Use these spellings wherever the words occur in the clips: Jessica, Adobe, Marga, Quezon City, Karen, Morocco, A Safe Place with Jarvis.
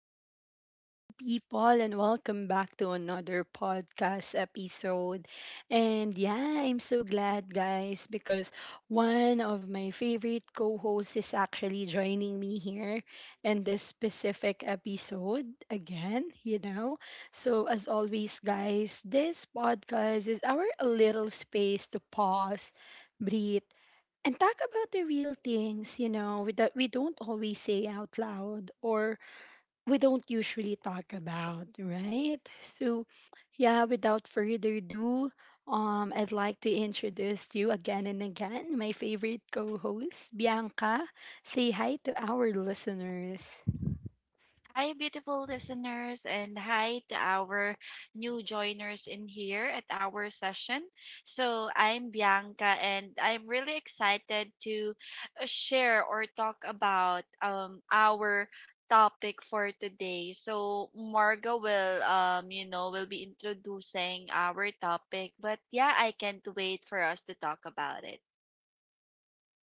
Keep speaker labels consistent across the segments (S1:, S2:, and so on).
S1: Hello, beautiful people, and welcome back to another podcast episode. And yeah, I'm so glad, guys, because one of my favorite co hosts is actually joining me here in this specific episode again, you know. So, as always, guys, this podcast is our little space to pause. Breathe and talk about the real things you know we that we don't always say out loud or we don't usually talk about, right? So yeah, without further ado, I'd like to introduce to you again and again my favorite co-host, Bianca. Say hi to our listeners.
S2: Hi, beautiful listeners, and hi to our new joiners in here at our session. So, I'm Bianca, and I'm really excited to share or talk about our topic for today. So, Marga will, will be introducing our topic, but yeah, I can't wait for us to talk about it.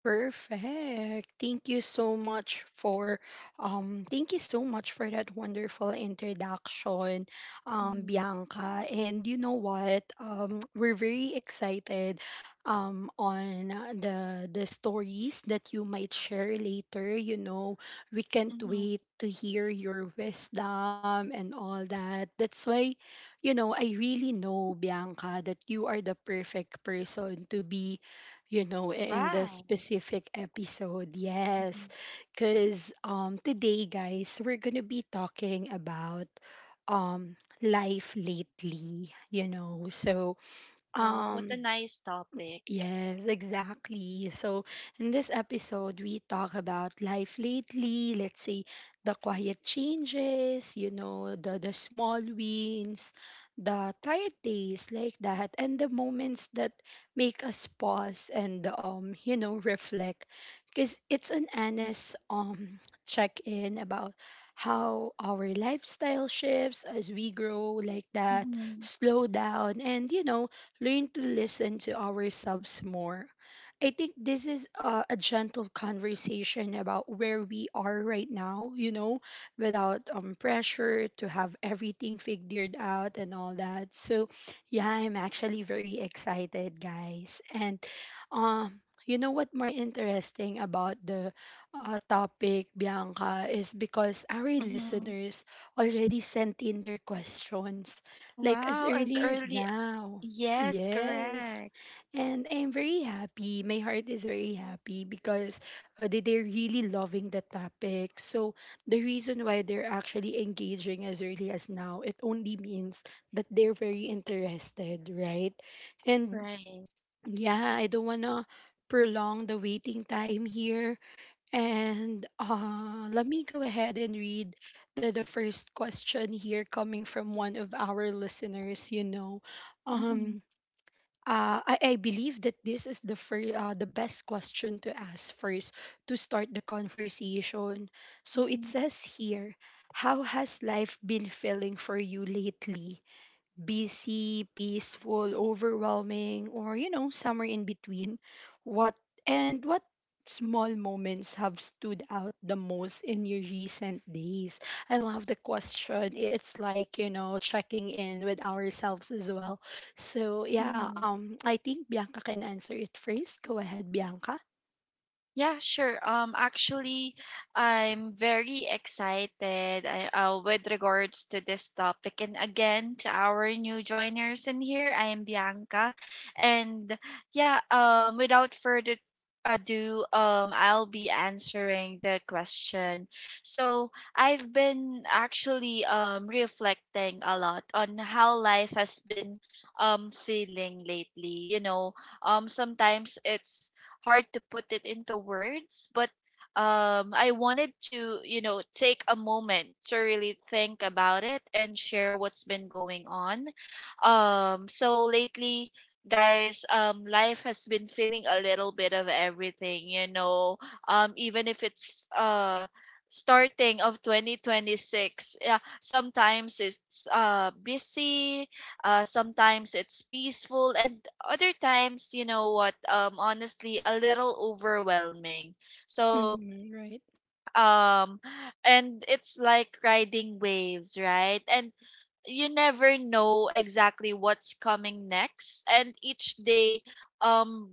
S1: Perfect. Thank you so much for thank you so much for that wonderful introduction,
S2: Mhm.
S1: Bianca. And you know what? We're very excited on the stories that you might share later, you know. We can't
S2: Mhm.
S1: wait to hear your wisdom and all that. That's why, you know, I really know, Bianca, that you are the perfect person to be, you know, in the
S2: Wow.
S1: specific episode. Yes.
S2: Mhm.
S1: Cause today, guys, we're gonna be talking about um life lately, you know. So
S2: Wow, what a
S1: um
S2: nice topic.
S1: yes, exactly. So, in this episode, we talk about life lately, let's say the quiet changes, you know, the small wins, the tired days like that, and the moments that make us pause and, you know, reflect. Because it's an honest check in about how our lifestyle shifts as we grow like that,
S2: Mm-hmm.
S1: slow down, and, you know, learn to listen to ourselves more. I think this is a gentle conversation about where we are right now, you know, without pressure to have everything figured out and all that. So, yeah, I'm actually very excited, guys. And you know what more interesting about the topic, Bianca, is because our
S2: Mhm.
S1: listeners already sent in their questions like as
S2: Wow, as
S1: early as
S2: early.
S1: now.
S2: Yes,
S1: Yes.
S2: correct.
S1: And I'm very happy. My heart is very happy because they're really loving the topic. So the reason why they're actually engaging as early as now, it only means that they're very interested, right? And
S2: Right.
S1: yeah, I don't want to prolong the waiting time here. And let me go ahead and read the first question here coming from one of our listeners, you know.
S2: Mm-hmm.
S1: Um, I believe that this is the the best question to ask first to start the conversation. So it
S2: Mm-hmm.
S1: says here, how has life been feeling for you lately? Busy, peaceful, overwhelming, or, you know, somewhere in between. What and what small moments have stood out the most in your recent days? I love the question. It's like, you know, checking in with ourselves as well. So, yeah,
S2: Mm-hmm.
S1: I think Bianca can answer it first. Go ahead, Bianca.
S2: Yeah, sure. Actually, I'm very excited with regards to this topic. And again, to our new joiners in here, I am Bianca. And yeah, without further ado, I'll be answering the question. So I've been actually reflecting a lot on how life has been feeling lately. You know, sometimes it's hard to put it into words, but I wanted to, you know, take a moment to really think about it and share what's been going on. So lately, guys, life has been feeling a little bit of everything, you know, even if it's starting of 2026. Yeah, sometimes it's busy, sometimes it's peaceful, and other times, you know what, honestly, a little overwhelming. So,
S1: Mm-hmm, right.
S2: um, and it's like riding waves, right? And you never know exactly what's coming next, and each day, um,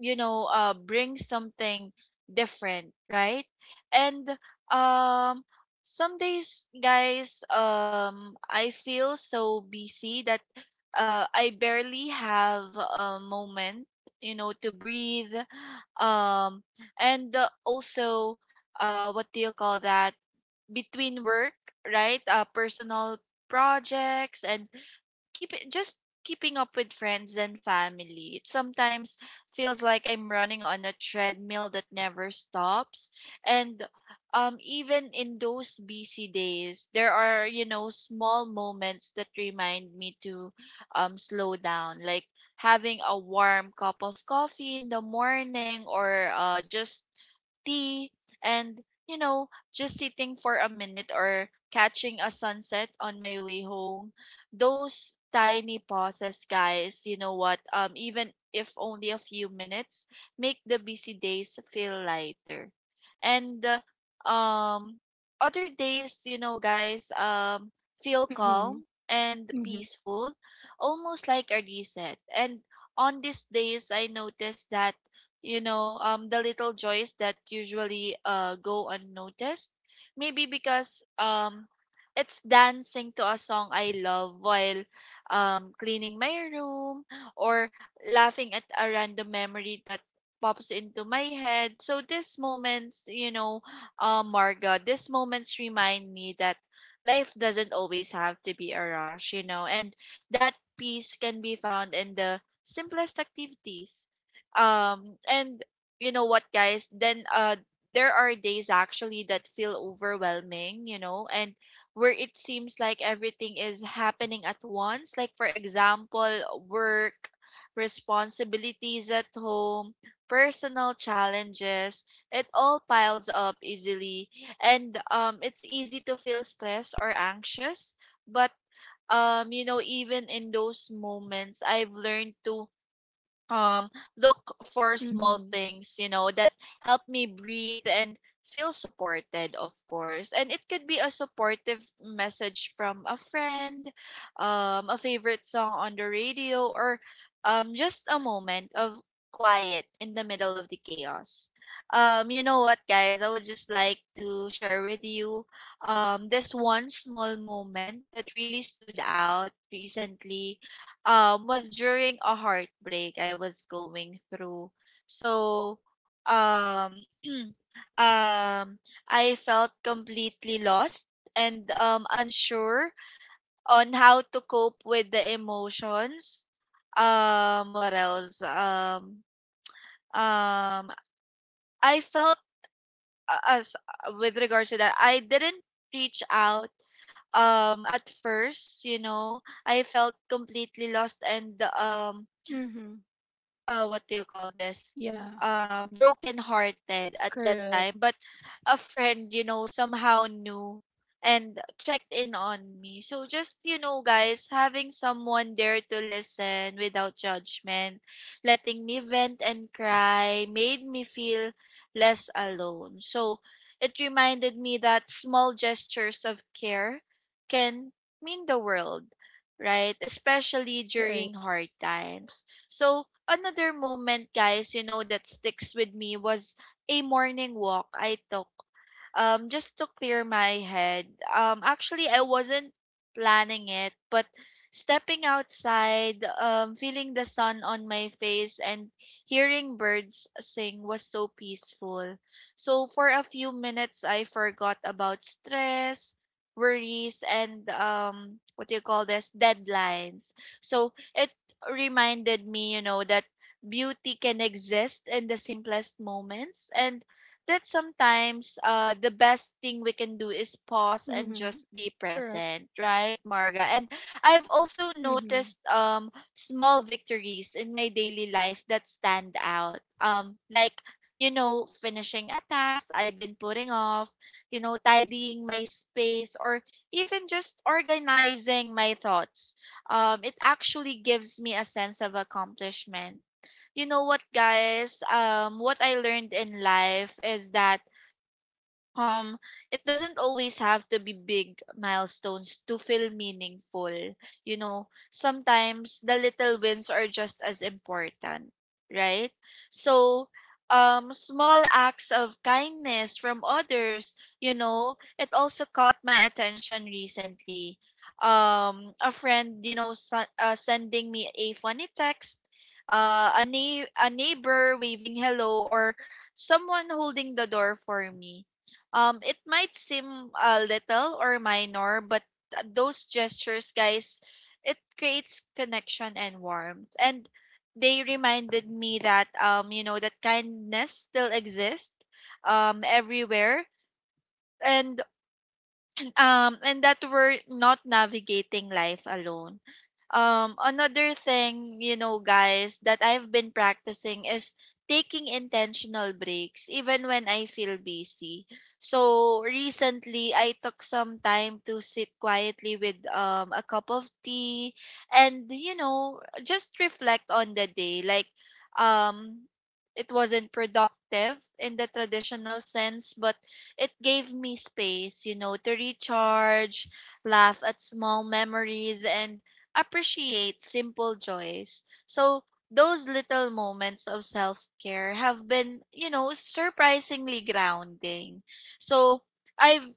S2: you know, brings something different, right? And, um, some days, guys, I feel so busy that I barely have a moment, you know, to breathe. Um, and also, what do you call that? Between work, right? Personal projects and keep it just keeping up with friends and family. It sometimes feels like I'm running on a treadmill that never stops. And even in those busy days, there are, you know, small moments that remind me to slow down, like having a warm cup of coffee in the morning or just tea, and you know, just sitting for a minute or catching a sunset on my way home. Those tiny pauses, guys, you know what, even if only a few minutes, make the busy days feel lighter. And uh, um other days, you know, guys, feel
S1: Mm-hmm.
S2: calm and
S1: Mm-hmm.
S2: peaceful, almost like a reset. And on these days, I noticed that, you know, the little joys that usually go unnoticed. Maybe because, it's dancing to a song I love while, cleaning my room, or laughing at a random memory that pops into my head. So these moments, you know, Marga, these moments remind me that life doesn't always have to be a rush, you know, and that peace can be found in the simplest activities. And you know what, guys? Then, there are days actually that feel overwhelming, you know, and where it seems like everything is happening at once. Like, for example, work, responsibilities at home, personal challenges, it all piles up easily. And it's easy to feel stressed or anxious, but you know, even in those moments, I've learned to um look for small
S1: Mm-hmm.
S2: things, you know, that help me breathe and feel supported, of course. And it could be a supportive message from a friend, a favorite song on the radio, or just a moment of quiet in the middle of the chaos. You know what, guys, I would just like to share with you this one small moment that really stood out recently. Was during a heartbreak I was going through. So, um um I felt completely lost and unsure on how to cope with the emotions. Um, what else? Um I felt, as with regards to that, I didn't reach out at first. You know, I felt completely lost and,
S1: Mm-hmm.
S2: uh, what do you call this,
S1: Yeah,
S2: broken hearted at that
S1: correct.
S2: time. But a friend, you know, somehow knew and checked in on me. So just, you know, guys, having someone there to listen without judgment, letting me vent and cry, made me feel less alone. So it reminded me that small gestures of care can mean the world, right, especially during
S1: Right.
S2: hard times. So another moment, guys, you know, that sticks with me was a morning walk I took just to clear my head. Actually, I wasn't planning it, but stepping outside, feeling the sun on my face and hearing birds sing was so peaceful. So for a few minutes, I forgot about stress, worries, and what do you call this, deadlines. So it reminded me, you know, that beauty can exist in the simplest moments, and that sometimes, the best thing we can do is pause and just
S1: Mm-hmm.
S2: be
S1: Correct.
S2: present, right, Marga? And I've also noticed, small victories in my daily life that stand out. Like, you know, finishing a task I've been putting off, you know, tidying my space, or even just organizing my thoughts. It actually gives me a sense of accomplishment. You know what, guys, what I learned in life is that, um, it doesn't always have to be big milestones to feel meaningful. You know, sometimes the little wins are just as important, right? So, small acts of kindness from others, you know, it also caught my attention recently. A friend, you know, sending me a funny text, a neighbor waving hello, or someone holding the door for me, it might seem a little or minor, but those gestures, guys, it creates connection and warmth. And they reminded me that, you know, that kindness still exists everywhere. And and that we're not navigating life alone. Another thing, you know, guys, that I've been practicing is taking intentional breaks, even when I feel busy. So recently, I took some time to sit quietly with, a cup of tea, and, you know, just reflect on the day. Like, um, it wasn't productive in the traditional sense, but it gave me space, you know, to recharge, laugh at small memories, and appreciate simple joys. So, those little moments of self care have been, you know, surprisingly grounding. So, I've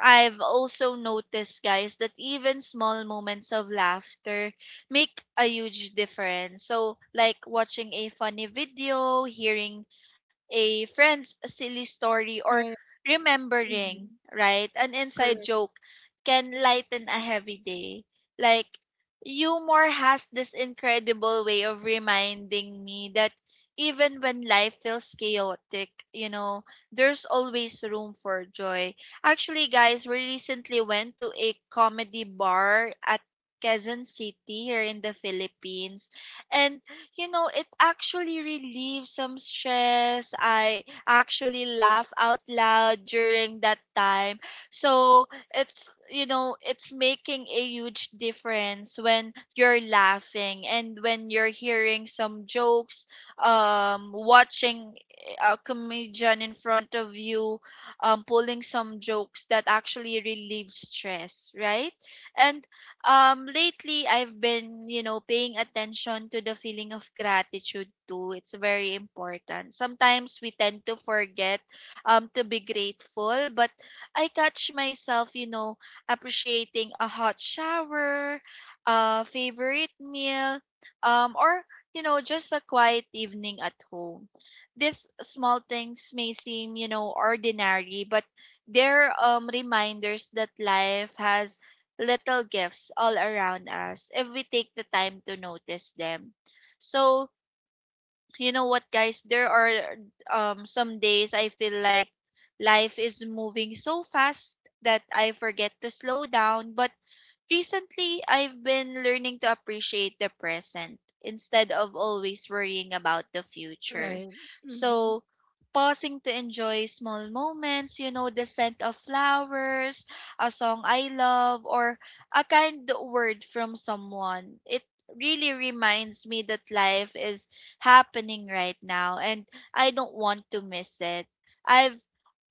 S2: I've also noticed, guys, that even small moments of laughter make a huge difference. So, like watching a funny video, hearing a friend's silly story, or
S1: Right. Mm-hmm.
S2: remembering, right, an inside
S1: Correct.
S2: joke, can lighten a heavy day. Like, humor has this incredible way of reminding me that even when life feels chaotic, you know, there's always room for joy. Actually, guys, we recently went to a comedy bar at Quezon City here in the Philippines. And you know, it actually relieves some stress. I actually laugh out loud during that time. So, it's, you know, it's making a huge difference when you're laughing and when you're hearing some jokes, watching a comedian in front of you, pulling some jokes that actually relieve stress, right? And lately, I've been, you know, paying attention to the feeling of gratitude too. It's very important. Sometimes we tend to forget, to be grateful, but I catch myself, you know, appreciating a hot shower, a favorite meal, or you know, just a quiet evening at home. These small things may seem, you know, ordinary, but they're, reminders that life has little gifts all around us if we take the time to notice them. So, you know what, guys, there are, some days I feel like life is moving so fast that I forget to slow down. But recently, I've been learning to appreciate the present instead of always worrying about the future.
S1: Right. Mm-hmm.
S2: So, pausing to enjoy small moments, you know, the scent of flowers, a song I love, or a kind word from someone, it really reminds me that life is happening right now and I don't want to miss it. I've,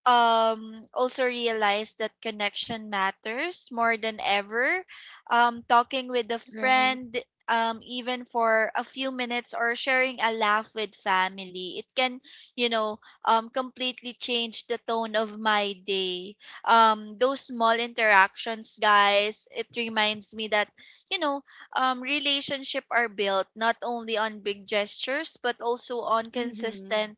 S2: also realized that connection matters more than ever. Talking with a
S1: Right.
S2: friend, even for a few minutes, or sharing a laugh with family, it can, you know, completely change the tone of my day. Those small interactions, guys, it reminds me that, you know, relationship are built not only on big gestures but also on
S1: Mm-hmm.
S2: consistent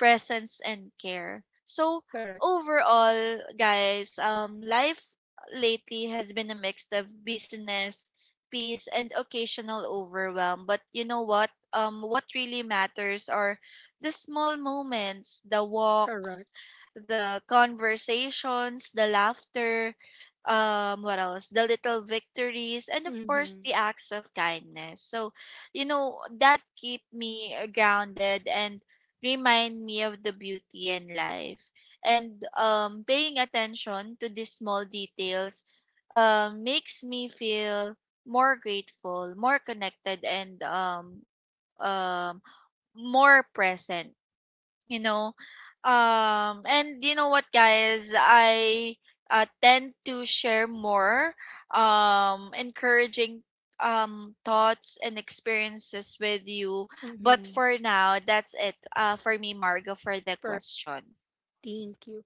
S2: presence and care. So
S1: Correct.
S2: overall, guys, life lately has been a mix of business, peace, and occasional overwhelm. But you know what? What really matters are the small moments, the walks,
S1: Correct.
S2: the conversations, the laughter, what else? The little victories, and of course,
S1: Mm-hmm.
S2: the acts of kindness. So, you know, that keep me, grounded and remind me of the beauty in life. And paying attention to these small details makes me feel more grateful, more connected, and um, more present. You know um and you know what, guys, I tend to share more encouraging thoughts and experiences with you. But
S1: Mm-hmm.
S2: for now, that's it for me, margo, for the question.
S1: Thank you.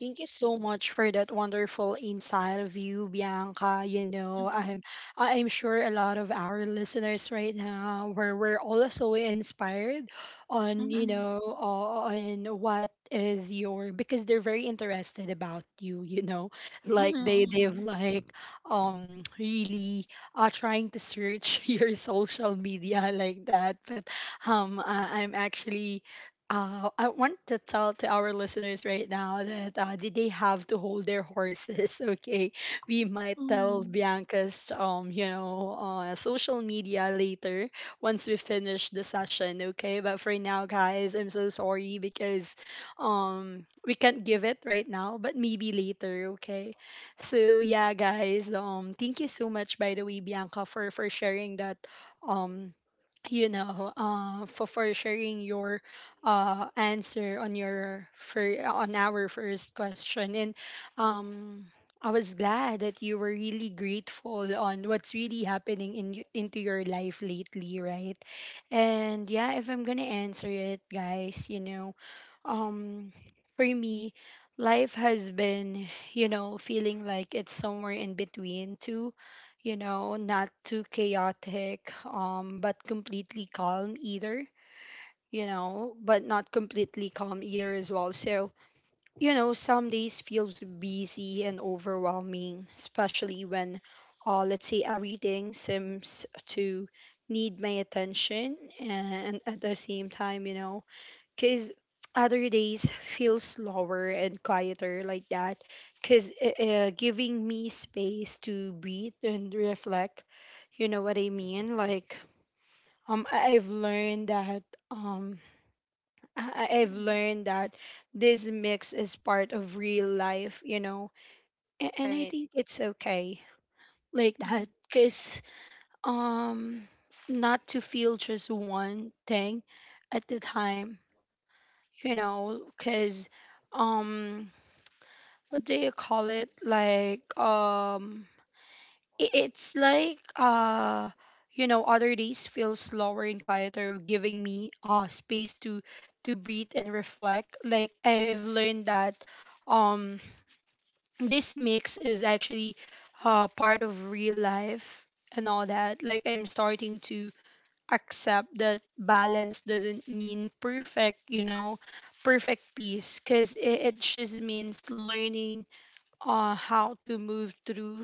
S1: Thank you so much for that wonderful insight of you, Bianca. You know,
S2: Mm-hmm.
S1: I'm sure a lot of our listeners right now were also inspired on, you
S2: Mm-hmm.
S1: know, on what is your, because they're very interested about you, you know. Like they they've
S2: Mm-hmm.
S1: like um really trying to search your social media like that. But I'm actually I want to tell to our listeners right now that did they have to hold their horses? Okay, we might tell
S2: Mm-hmm.
S1: Bianca's social media later once we finish the session. Okay, but for now, guys, I'm so sorry because we can't give it right now, but maybe later. Okay, so yeah, guys, thank you so much, by the way, Bianca, for sharing that um for sharing your answer on your for on our first question, and um, I was glad that you were really grateful on what's really happening in into your life lately, right? And yeah, if I'm gonna answer it, guys, you know, um, for me, life has been, you know, feeling like it's somewhere in between two, you know, not too chaotic, but completely calm either, you know, but not completely calm either as well. So, you know, some days feels busy and overwhelming, especially when let's say everything seems to need my attention, and at the same time, you know, cuz other days feel slower and quieter like that, cuz giving me space to breathe and reflect. You know what I mean? Like, I've learned that um I have learned that this mix is part of real life, you know, and I
S2: Right.
S1: think it's okay like
S2: Mm-hmm.
S1: that, cause, um, not to feel just one thing at the time, you know, cause, um, what do you call it? Like, it's like, you know, other days feel slower and quieter, giving me space to breathe and reflect. Like, I've learned that um this mix is actually part of real life and all that. Like, I'm starting to accept that balance doesn't mean perfect, you know, perfect peace, because it just means learning how to move through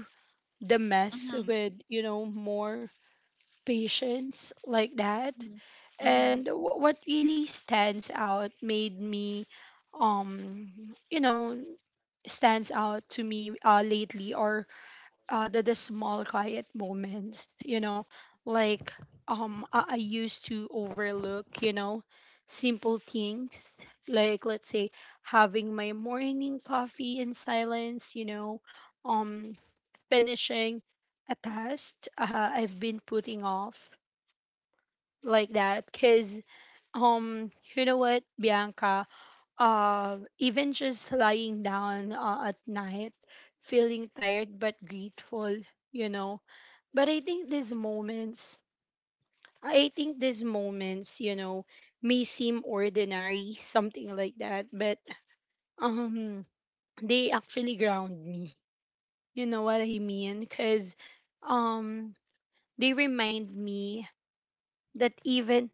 S1: the mess
S2: Mm-hmm.
S1: with, you know, more patience like that.
S2: Mm-hmm.
S1: And what really stands out made me um you know stands out to me lately or the small quiet moments, you know. Like, I used to overlook, you know, simple things, like, let's say, having my morning coffee in silence, you know, um finishing a task I've been putting off like that, because, you know what, Bianca, even just lying down at night, feeling tired but grateful, you know. But I think these moments, you know, may seem ordinary, something like that, but um they actually ground me, you know what I mean, because um. they remind me that even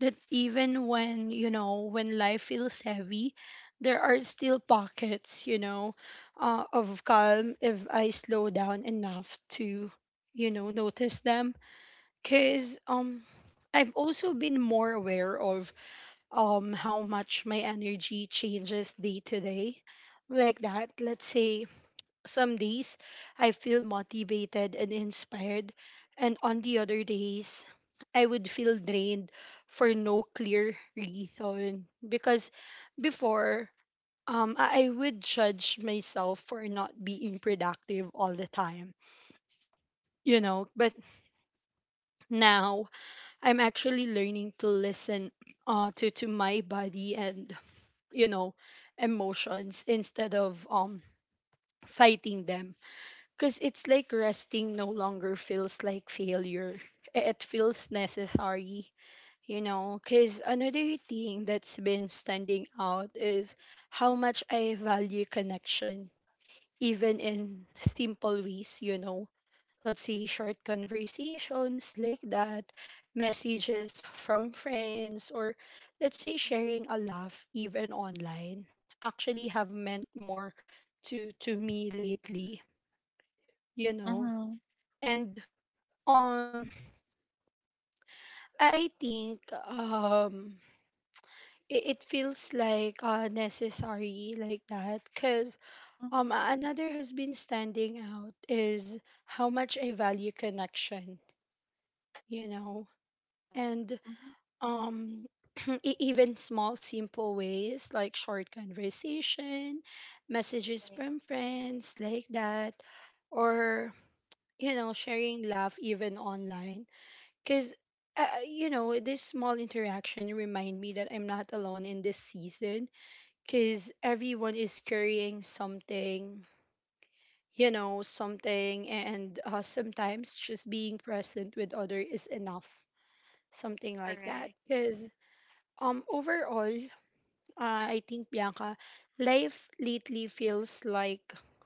S1: that even when, you know, when life feels heavy, there are still pockets, you know, of calm, if I slow down enough to, you know, notice them. Because, I've also been more aware of how much my energy changes day to day like that. Let's say some days I feel motivated and inspired, and on the other days I would feel drained for no clear reason. Because before, I would judge myself for not being productive all the time, you know. But now I'm actually learning to listen, to my body and, you know, emotions, instead of fighting them. Because it's like, resting no longer feels like failure. It feels necessary, you know. Because another thing that's been standing out is how much I value connection, even in simple ways, you know. Let's say short conversations like that, messages from friends, or let's say sharing a laugh, even online, actually have meant more to me lately, you know.
S2: Mm-hmm.
S1: And um, I think, it, it feels like necessary like that, because another has been standing out is how much I value connection, you know, and um even small simple ways, like short conversation, messages from
S2: Right.
S1: friends like that, or, you know, sharing laugh even online. Because, you know, this small interaction remind me that I'm not alone in this season. Because everyone is carrying something, you know, something. And sometimes just being present with other is enough. Something like that.
S2: Correct.
S1: Because, overall, I think, Bianca, life lately feels like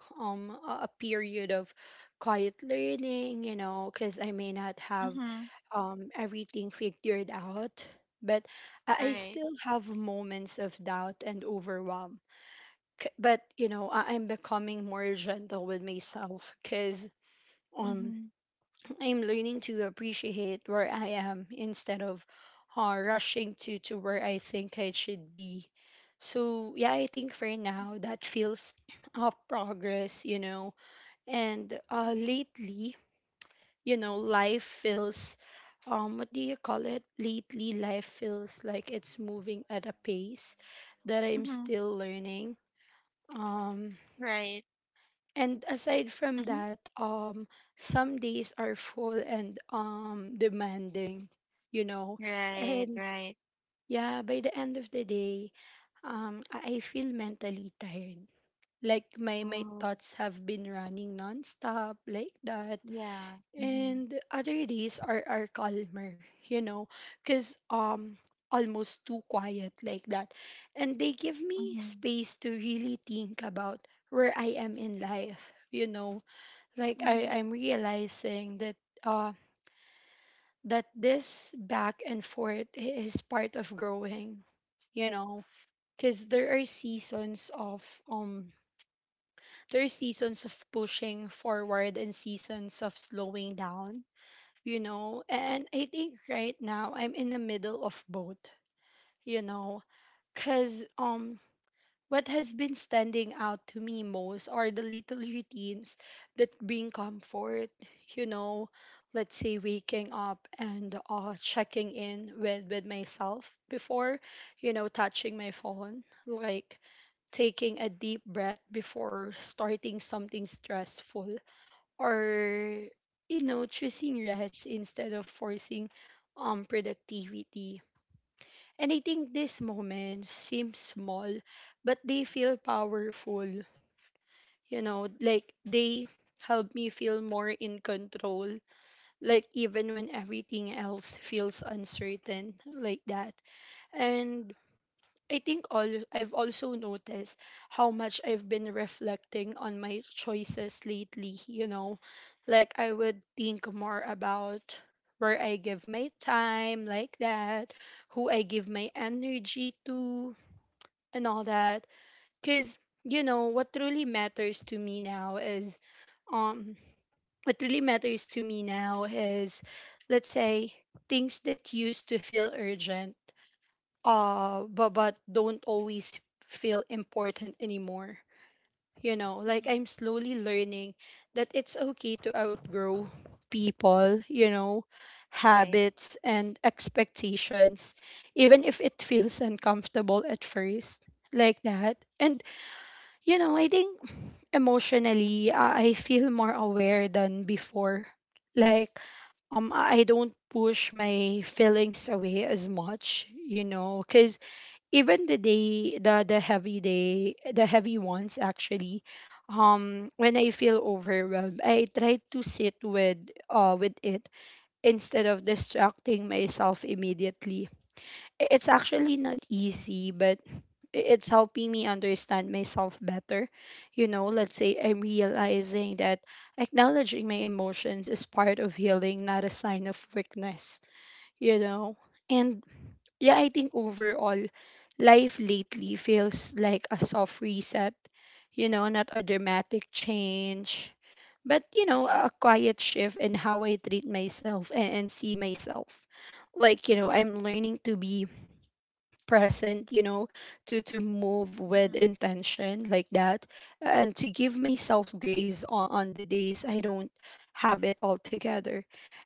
S1: a period of quiet learning, you know, because I may not have,
S2: Mm-hmm.
S1: everything figured out, but I
S2: Right.
S1: still have moments of doubt and overwhelm. But you know, I'm becoming more gentle with myself, because, um,
S2: Mm-hmm.
S1: I'm learning to appreciate where I am instead of, rushing to where I think I should be. So yeah, I think for now that feels of progress, you know. And lately, you know, life feels what do you call it lately life feels like it's moving at a pace that I'm
S2: Mhm.
S1: still learning, um
S2: Right.
S1: and aside
S2: Mhm.
S1: from that, some days are full and demanding, you know,
S2: Right,
S1: and
S2: right.
S1: yeah, by the end of the day, I feel mentally tired, like my
S2: Oh,
S1: thoughts have been running nonstop like that.
S2: yeah. Mhm.
S1: And other days are calmer, you know, because, almost too quiet like that. And they give me
S2: Mhm.
S1: space to really think about where I am in life, you know. Like,
S2: Mhm.
S1: I'm realizing that uh that this back and forth is part of growing, you know. Because there are seasons of um pushing forward and seasons of slowing down, you know. And I think right now I'm in the middle of both, you know, because what has been standing out to me most are the little routines that bring comfort, you know. Let's say waking up and checking in with myself before, you know, touching my phone, like taking a deep breath before starting something stressful or you know choosing rest instead of forcing productivity. And I think these moments seem small but they feel powerful, you know, like they help me feel more in control, like even when everything else feels uncertain like that. And I think all I've also noticed how much I've been reflecting on my choices lately, you know. Like I would think more about where I give my time like that, who I give my energy to, and all that. Cuz you know what really matters to me now is um what really matters to me now is, let's say, things that used to feel urgent but don't always feel important anymore, you know, like
S2: Mhm.
S1: I'm slowly learning that it's okay to outgrow people, you know,
S2: Right,
S1: habits and expectations, even if it feels uncomfortable at first like that. And you know, I think emotionally I feel more aware than before, like I don't push my feelings away as much, you know, cuz even the day the heavy day the heavy ones. Actually, when I feel overwhelmed I try to sit with it instead of distracting myself immediately. It's actually not easy but it's helping me understand myself better. You know, let's say I'm realizing that acknowledging my emotions is part of healing, not a sign of weakness, you know. And yeah, I think overall, life lately feels like a soft reset, you know, not a dramatic change, but, you know, a
S2: right.
S1: quiet shift in how I treat myself and see myself. Like, you know, I'm learning to be present, you know, to move with
S2: Mhm.
S1: intention like that, and to give myself grace on the days I don't have it all together.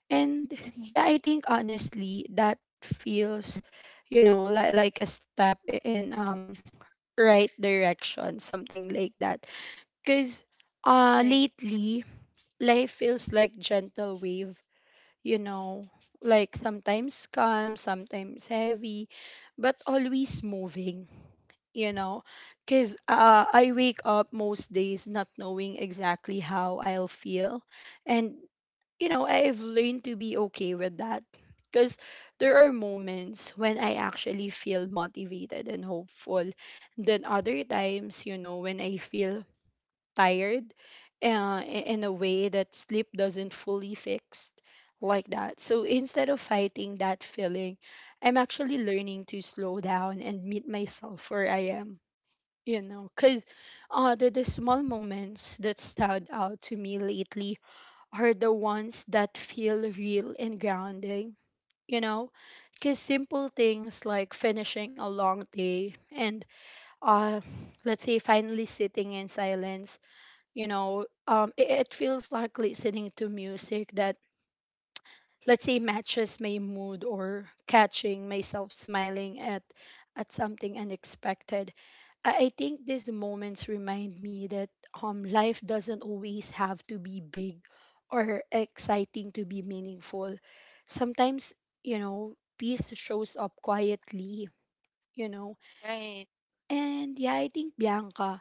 S1: And
S2: Mhm.
S1: yeah, I think honestly that feels, you know, like a step in right direction, something like that. Because
S2: Right,
S1: lately life feels like gentle wave, you know, like sometimes calm, sometimes heavy, but always moving, you know. Because I wake up most days not knowing exactly how I'll feel, and you know, I've learned to be okay with that. Because there are moments when I actually feel motivated and hopeful, then other times, you know, when I feel tired, in a way that sleep doesn't fully fix like that. So instead of fighting that feeling, I'm actually learning to slow down and meet myself where I am, you know. Because the small moments that stand out to me lately are the ones that feel real and grounding, you know. Because simple things like finishing a long day and, uh let's say, finally sitting in silence, you know. It feels like listening to music that, let's say, matches my mood, or catching myself smiling at something unexpected. I think these moments remind me that life doesn't always have to be big or exciting to be meaningful. Sometimes, you know, peace shows up quietly, you know.
S2: right.
S1: And yeah, I think, Bianca,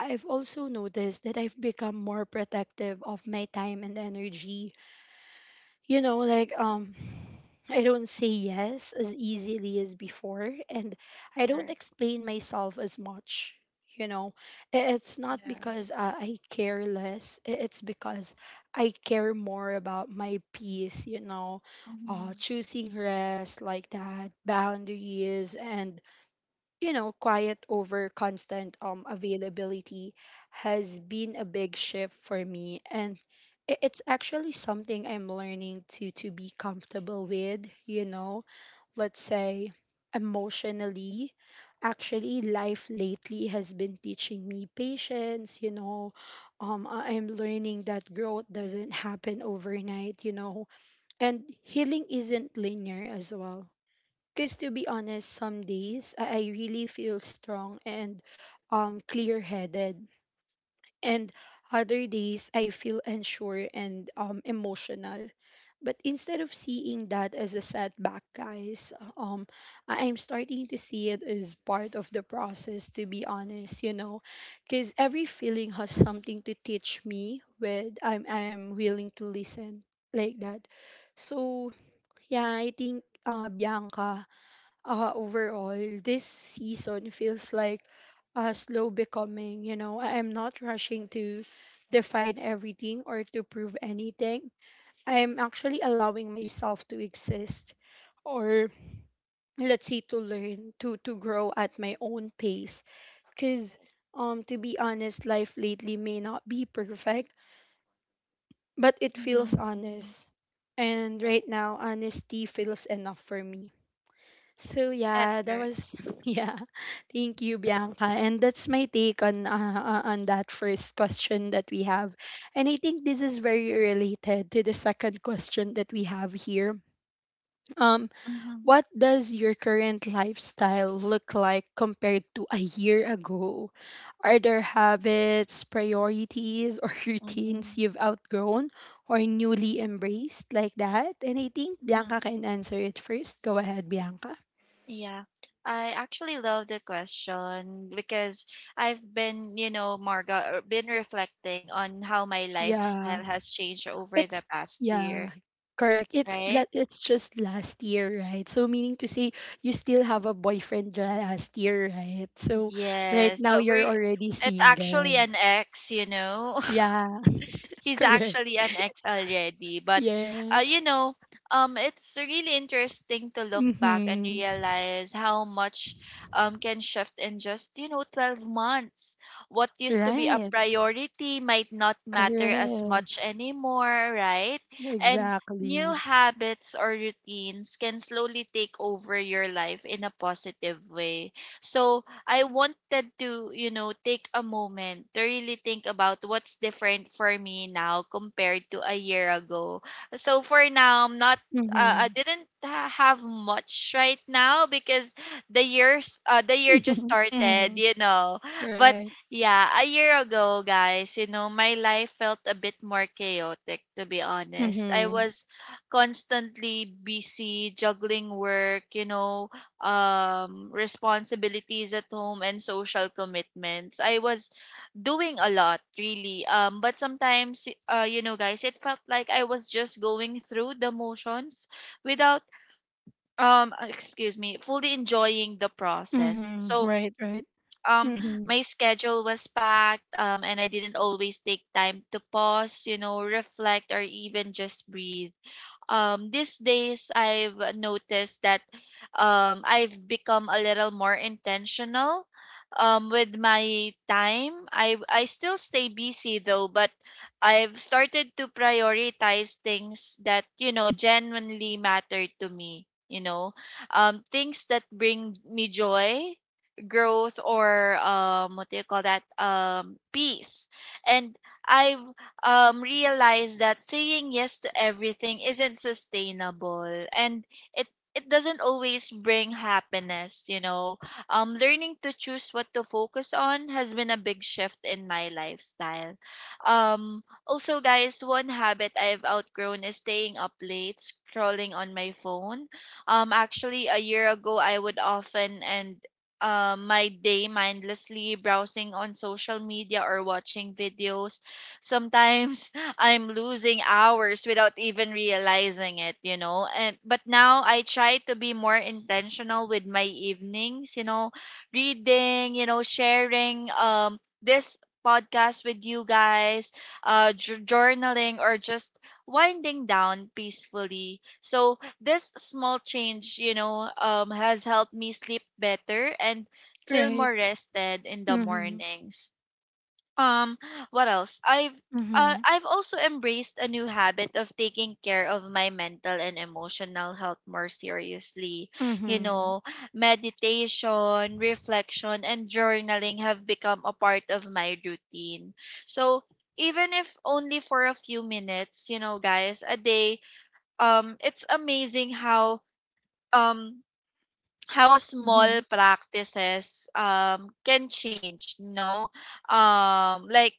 S1: I've also noticed that I've become more protective of my time and energy, you know, like I don't say yes as easily as before, and I don't
S2: Correct.
S1: explain myself as much, you know. It's not
S2: Yeah.
S1: because I care less, it's because I care more about my peace, you know.
S2: Mhm.
S1: Choosing rest like that, boundaries, and, you know, quiet over constant availability has been a big shift for me, and it's actually something I'm learning to be comfortable with, you know. Let's say emotionally, actually, life lately has been teaching me patience, you know. I'm learning that growth doesn't happen overnight, you know. And healing isn't linear as well, because to be honest, some days I really feel strong and clear headed. And other days I feel unsure and emotional. But instead of seeing that as a setback, guys, um, I'm starting to see it as part of the process, to be honest, you know. Because every feeling has something to teach me when I'm willing to listen like that. So, yeah, I think, Bianca, overall, this season feels like a slow becoming. You know, I'm not rushing to define everything or to prove anything. I'm actually allowing myself to exist, or, let's say, to learn to grow at my own pace. Because
S2: Right.
S1: to be honest, life lately may not be perfect, but it feels
S2: Mhm. Mhm.
S1: honest, and
S2: Right.
S1: right now honesty feels enough for me. So
S2: That's
S1: yeah, that
S2: correct.
S1: was yeah. Thank you, Bianca. And that's my take on that first question that we have. And I think this is very related to the second question that we have here. Um,
S2: Mhm.
S1: what does your current lifestyle look like compared to a year ago? Are there habits, priorities, or routines
S2: Mhm.
S1: you've outgrown or newly embraced like that? And I think Bianca
S2: Mhm.
S1: can answer it first. Go ahead, Bianca.
S2: Yeah. I actually love the question because I've been, you know, Marga, been reflecting on how my
S1: Yeah.
S2: lifestyle has changed over
S1: It's
S2: the past
S1: yeah,
S2: year,
S1: correct. It's
S2: right?
S1: it's just last year, right? So meaning to say you still have a boyfriend last year, right? So right
S2: Yes,
S1: now
S2: but
S1: you're
S2: we
S1: already
S2: it's actually
S1: single.
S2: an ex, you know.
S1: Yeah,
S2: He's
S1: correct.
S2: actually an ex already, but uh,
S1: Yes.
S2: you know, it's really interesting to look back and
S1: Mhm.
S2: realize how much can shift in just, you know, 12 months. What used to be a
S1: Right.
S2: priority might not matter as
S1: Correct.
S2: much anymore, right? And new
S1: Exactly.
S2: habits or routines can slowly take over your life in a positive way. So, I wanted to, you know, take a moment to really think about what's different for me now compared to a year ago. So for now, I
S1: Mhm.
S2: didn't have much right now because the year just started,
S1: mhm.
S2: you know. But
S1: Right.
S2: yeah, a year ago, guys, you know, my life felt a bit more chaotic, to be honest. I
S1: Mhm.
S2: was constantly busy juggling work, you know, responsibilities at home and social commitments. I was doing a lot, really. But sometimes, you know, guys, it felt like I was just going through the motions without, excuse me, fully enjoying the process.
S1: Mhm.
S2: So,
S1: Right, right.
S2: um,
S1: Mhm.
S2: my schedule was packed, and I didn't always take time to pause, you know, reflect, or even just breathe. These days I've noticed that I've become a little more intentional with my time. I still stay busy, though, but I've started to prioritize things that, you know, genuinely matter to me, you know. Things that bring me joy, growth, or what do you call that? Peace. And I've realize that saying yes to everything isn't sustainable, and it it doesn't always bring happiness, you know. Learning to choose what to focus on has been a big shift in my lifestyle. Also, guys, one habit I've outgrown is staying up late scrolling on my phone. Actually, a year ago I would often end my day mindlessly browsing on social media or watching videos. Sometimes I'm losing hours without even realizing it, you know. And but now I try to be more intentional with my evenings, you know, reading, you know, sharing this podcast with you guys, journaling, or just winding down peacefully. So this small change, you know, has helped me sleep better and feel more
S1: Right.
S2: rested in the
S1: Mhm.
S2: mornings. Um, what else?
S1: Mhm.
S2: I've also embraced a new habit of taking care of my mental and emotional health more seriously. You
S1: Mhm.
S2: know, meditation, reflection, and journaling have become a part of my routine. So, even if only for a few minutes, you know, guys, a day, it's amazing how um small
S1: Mhm.
S2: practices can change, you know, like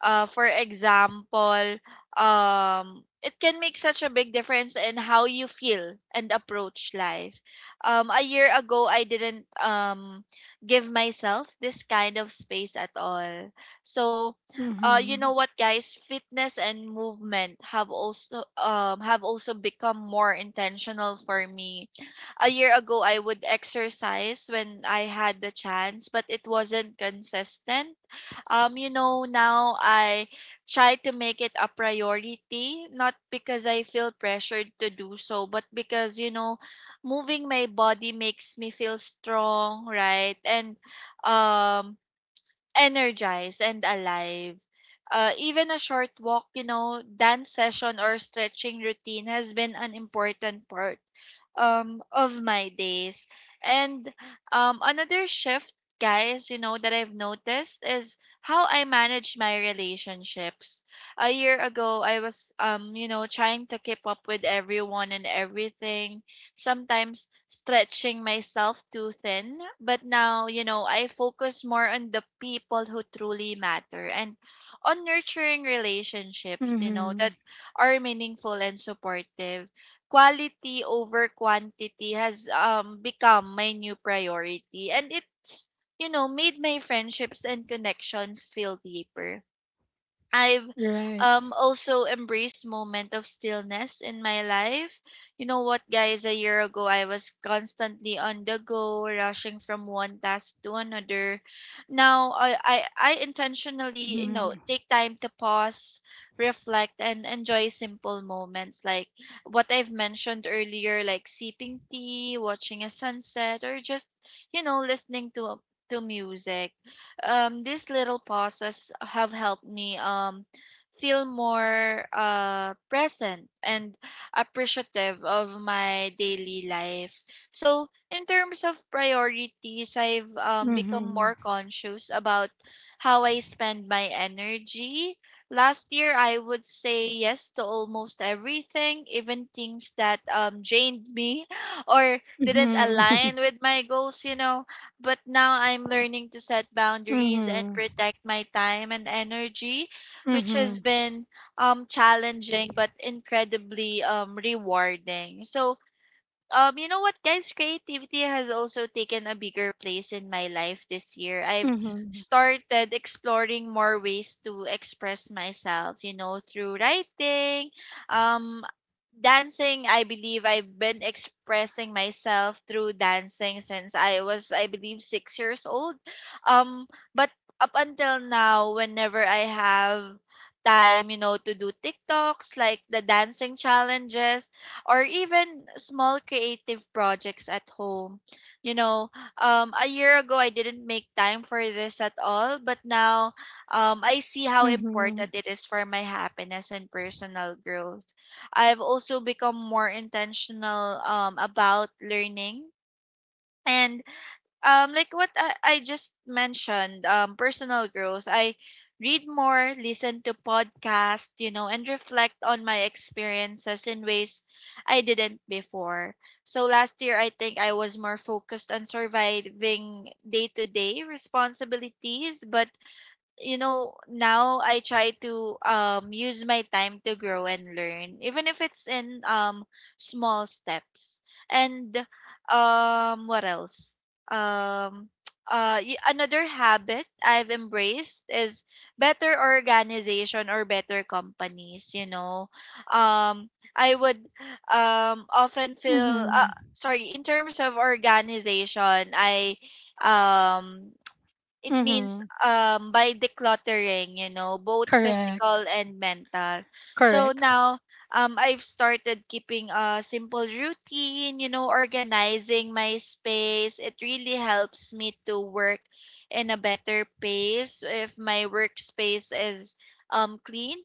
S2: for example, it can make such a big difference in how you feel and approach life. A year ago I didn't give myself this kind of space at all. So you know
S1: Mhm.
S2: what, guys, fitness and movement have also become more intentional for me. A year ago I would exercise when I had the chance, but it wasn't consistent. You know, now I try to make it a priority, not because I feel pressured to do so, but because, you know, moving my body makes me feel strong, right? And um energized and alive. Even a short walk, you know, dance session or stretching routine has been an important part of my days. And another shift, guys, you know, that I've noticed is how I manage my relationships. A year ago, I was, you know, trying to keep up with everyone and everything, sometimes stretching myself too thin, but now, you know, I focus more on the people who truly matter and on nurturing relationships, you know, that
S1: Mhm.
S2: are meaningful and supportive. Quality over quantity has, become my new priority, and it's, you know, made my friendships and connections feel deeper. I've
S1: Right.
S2: also embraced moment of stillness in my life. You know what, guys? A year ago, I was constantly on the go, rushing from one task to another. Now, I intentionally,
S1: Mhm.
S2: you know, take time to pause, reflect, and enjoy simple moments like what I've mentioned earlier, like sipping tea, watching a sunset, or just, you know, listening to music. These little pauses have helped me feel more present and appreciative of my daily life. So, in terms of priorities, I've become
S1: Mhm.
S2: more conscious about how I spend my energy. Last year, I would say yes to almost everything, even things that drained me or didn't
S1: Mhm.
S2: align with my goals, you know, but now I'm learning to set boundaries and
S1: Mhm.
S2: protect my time and energy, which has
S1: Mhm.
S2: been challenging but incredibly rewarding. So, you know what, guys, creativity has also taken a bigger place in my life this year. I've
S1: Mhm.
S2: started exploring more ways to express myself, you know, through writing, um dancing. I believe I've been expressing myself through dancing since I was, I believe, 6 years old. um but up until now, whenever I have time, you know, to do TikToks, like the dancing challenges, or even small creative projects at home. You know, a year ago I didn't make time for this at all, but now I see how
S1: Mhm.
S2: important it is for my happiness and personal growth. I've also become more intentional about learning, and like what I just mentioned, personal growth, I read more, listen to podcasts, you know, and reflect on my experiences in ways I didn't before. So last year I think I was more focused on surviving day-to-day responsibilities, but, you know, now I try to use my time to grow and learn, even if it's in small steps. And what else? Um y- Another habit I've embraced is better organization, or better companies, you know. um I would often feel
S1: Mhm.
S2: sorry, in terms of organization, I um it means
S1: Mhm.
S2: by decluttering, you know, both
S1: Correct.
S2: physical and mental. So
S1: Correct.
S2: now I've started keeping a simple routine, you know, organizing my space. It really helps me to work in a better pace if my workspace is clean,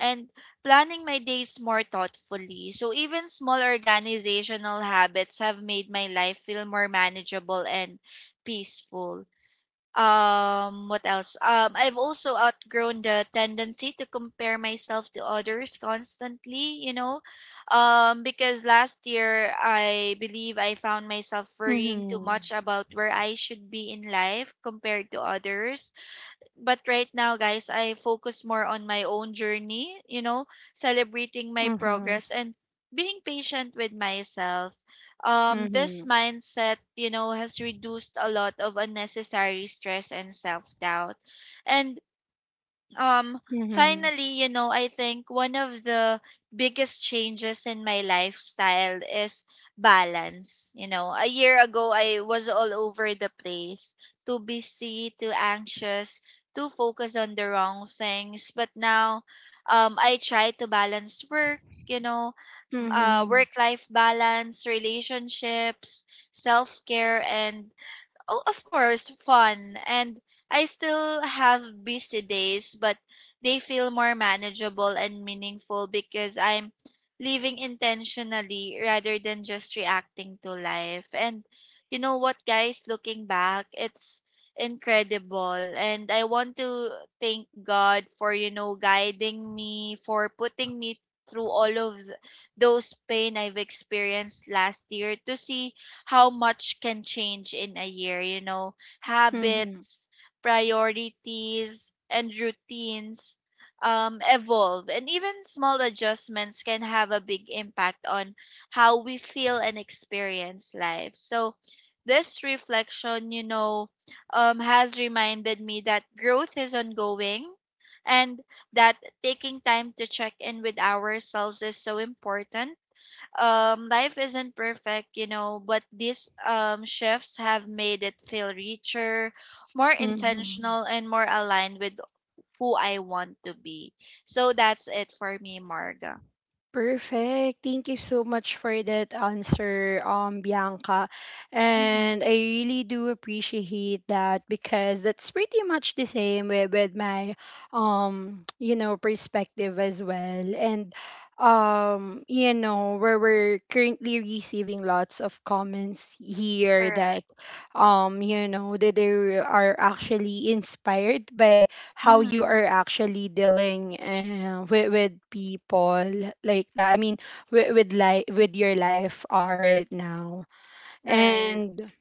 S2: and planning my days more thoughtfully. So even small organizational habits have made my life feel more manageable and peaceful. What else? I've also outgrown the tendency to compare myself to others constantly, you know. Because last year I believe I found myself worrying too
S1: Mhm.
S2: much about where I should be in life compared to others, but right now, guys, I focus more on my own journey, you know, celebrating my
S1: Mhm.
S2: progress and being patient with myself. This
S1: Mhm.
S2: mindset, you know, has reduced a lot of unnecessary stress and self doubt. And um,
S1: Mhm.
S2: finally, you know, I think one of the biggest changes in my lifestyle is balance. You know, a year ago, I was all over the place, too busy, too anxious, too focused on the wrong things. But now, I try to balance work, you know,
S1: Mhm.
S2: work life balance, relationships, self care, and, oh, of course, fun. And I still have busy days, but they feel more manageable and meaningful because I'm living intentionally rather than just reacting to life. And you know what, guys, looking back, it's incredible. And I want to thank God for, you know, guiding me, for putting me through all of those pain I've experienced last year, to see how much can change in a year, you know,
S1: Mhm.
S2: habits, priorities, and routines evolve. And even small adjustments can have a big impact on how we feel and experience life. So, this reflection, you know, has reminded me that growth is ongoing, and that taking time to check in with ourselves is so important. Life isn't perfect, you know, but these shifts have made it feel richer, more
S1: Mhm.
S2: intentional, and more aligned with who I want to be. So that's it for me, Marga.
S1: Perfect. Thank you so much for that answer, Bianca.
S2: Mm-hmm.
S1: And I really do appreciate that because that's pretty much the same with my you know, perspective as well. And you know, where we're currently receiving lots of comments here
S2: Correct.
S1: that you know, that they are actually inspired by how you
S2: Mm-hmm.
S1: are actually dealing with people like that. I mean, with your life right now.
S2: Right.
S1: And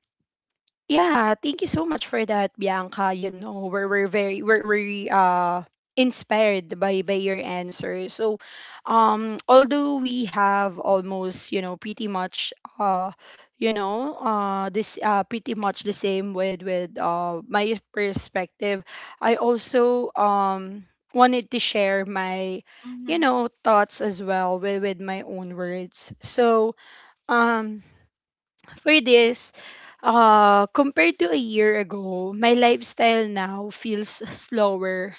S1: yeah, thank you so much for that, Bianca. You know, we're very inspired by your answer. So, although we have almost, you know, pretty much you know this pretty much the same with my perspective, I also wanted to share my, you
S2: Mm-hmm.
S1: know, thoughts as well with my own words. So um. For this, compared to a year ago, my lifestyle now feels slower,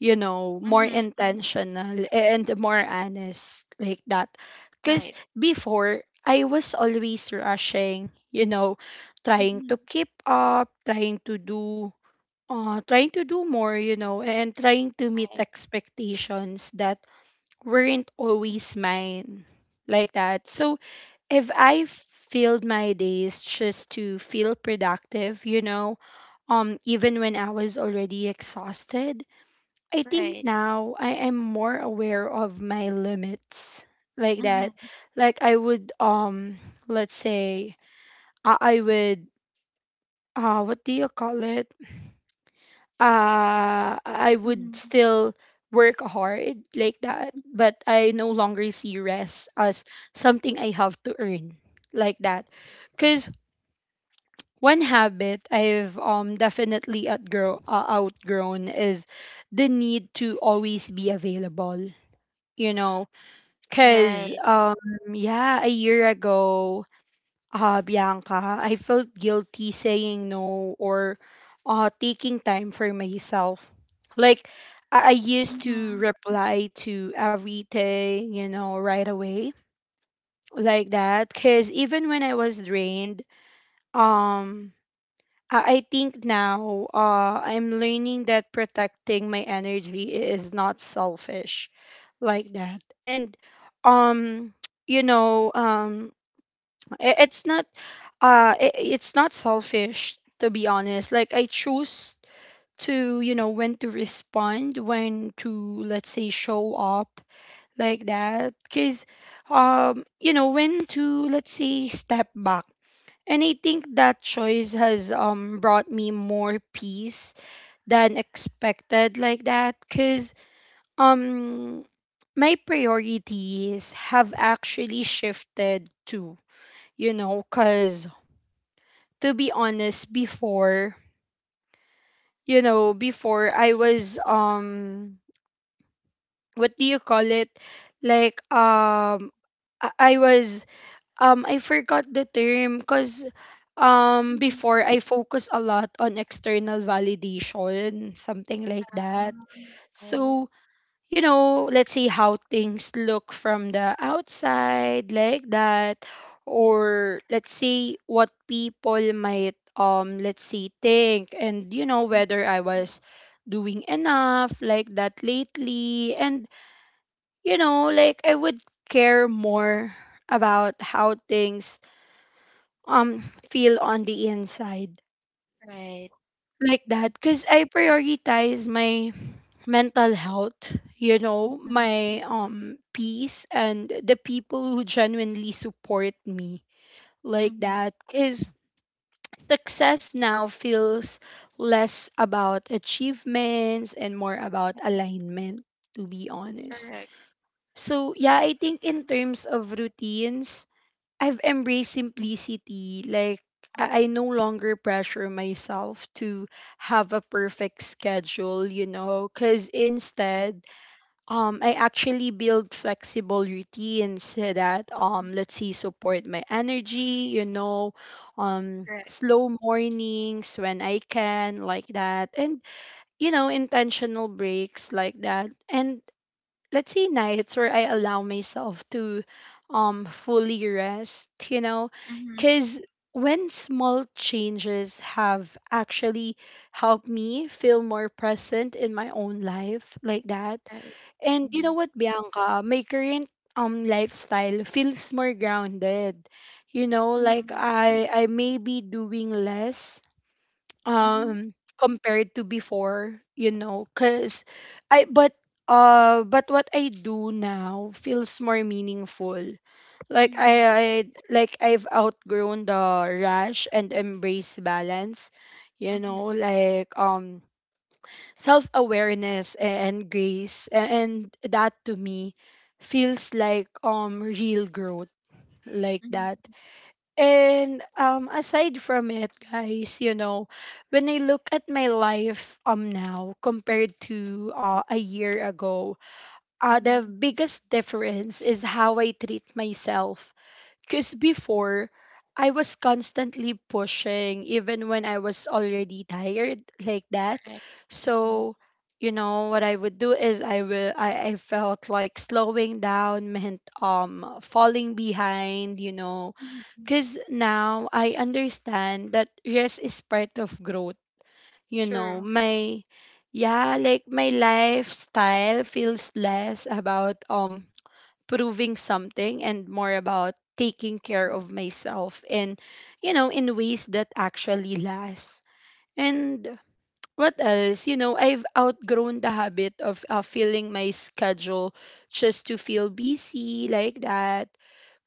S1: you know, more
S2: Mm-hmm. Mm-hmm.
S1: intentional and more honest like that. Because
S2: Right.
S1: before, I was always rushing, you know, trying
S2: Mm-hmm.
S1: to keep up, trying to do, trying to do more, you know, and trying to meet
S2: Right.
S1: expectations that weren't always mine like that. So if I filled my days just to feel productive, you know, even when I was already exhausted, I think
S2: Right.
S1: now I am more aware of my limits like that.
S2: Mm-hmm.
S1: Like I would, let's say, I, I would, what do you call it? I would
S2: Mm-hmm.
S1: still work hard like that, but I no longer see rest as something I have to earn like that. Because. One habit I've definitely outgrown is the need to always be available. You know, cause
S2: Right.
S1: yeah, a year ago, Bianca, I felt guilty saying no or taking time for myself. Like I used to
S2: Mm-hmm.
S1: reply to everything, you know, right away like that. Cause even when I was drained, um I think now, I'm learning that protecting my energy is not selfish like that. And um you know, it's not I it's not selfish, to be honest. Like I choose to, you know, when to respond, when to, let's say, show up like that. Cuz you know, when to, let's say, step back. And I think that choice has brought me more peace than expected like that. Cuz um my priorities have actually shifted too, you know, cuz to be honest, before, you know, before I was what do you call it? Like I was I forgot the term, because
S2: Mm-hmm.
S1: before I focus a lot on external validation, something like that.
S2: Right.
S1: So, you know, let's see how things look from the outside like that, or let's see what people might let's see think, and you know
S2: Mhm.
S1: whether I was doing enough like that lately. And you know, like I would care more about how things um feel on the inside
S2: Right.
S1: like that.
S2: Mhm.
S1: Because I prioritize my mental health, you know,
S2: Mhm.
S1: my peace, and the people who genuinely support me like
S2: Mhm.
S1: that. Because success now feels less about achievements and more about alignment, to be honest.
S2: Correct.
S1: So yeah, I think in terms of routines, I've embraced simplicity. Like, I
S2: Mhm,
S1: no longer pressure myself to have a perfect schedule, you know, because
S2: right.
S1: instead, I actually build flexible routines so that,
S2: Mhm,
S1: let's see, support my energy, you know,
S2: correct.
S1: slow mornings when I can, like that, and, you know, intentional breaks like that. And let's say nights where I allow myself to fully rest, you know,
S2: Mhm,
S1: cuz when small changes have actually helped me feel more present in my own life like that.
S2: right.
S1: And you know
S2: Mhm.
S1: what, Bianca, my current lifestyle feels more grounded. You know, like
S2: Mhm,
S1: I may be doing less
S2: mhm,
S1: compared to before, you know, because I but what I do now feels more meaningful like
S2: mhm,
S1: I've outgrown the rush and embrace balance, you
S2: mhm,
S1: know, like self-awareness and grace, and that to me feels like real growth like
S2: mhm,
S1: that. And aside from it, guys, you know, when I look at my life now compared to a year ago, the
S2: mhm,
S1: biggest difference is how I treat myself. Because before, I was constantly pushing, even when I was already tired like that.
S2: right. Mhm,
S1: So, you know, what I would do is I felt like slowing down meant falling behind, you know,
S2: mhm, mhm.
S1: because now I understand that rest is part of growth. You know,
S2: True.
S1: yeah, like my lifestyle feels less about proving something and more about taking care
S2: Mhm,
S1: of myself and, you know, in ways that actually last. And what else? You know, I've outgrown the habit of filling my schedule just to feel busy like that.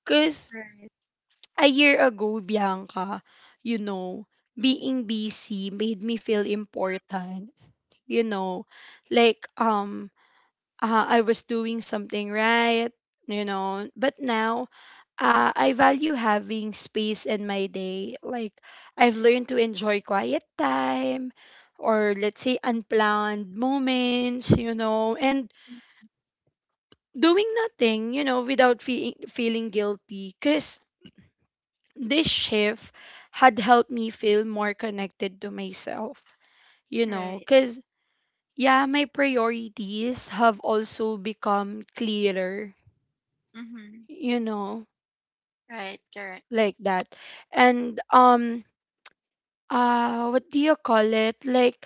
S1: Because
S2: right.
S1: a year ago, Bianca, you know,
S2: Mhm,
S1: being busy made me feel important. You know, like um I was doing something right, you know, but now I value having space in my day. Like I've learned to enjoy quiet time or let's say unplanned moments, you know, and
S2: mhm,
S1: doing nothing, you know, without feeling guilty, cuz this shift had helped me feel more connected to myself, you know,
S2: right.
S1: because yeah, my priorities have also become clearer,
S2: Mhm,
S1: you know,
S2: right. Correct.
S1: like that. And what do you call it? Like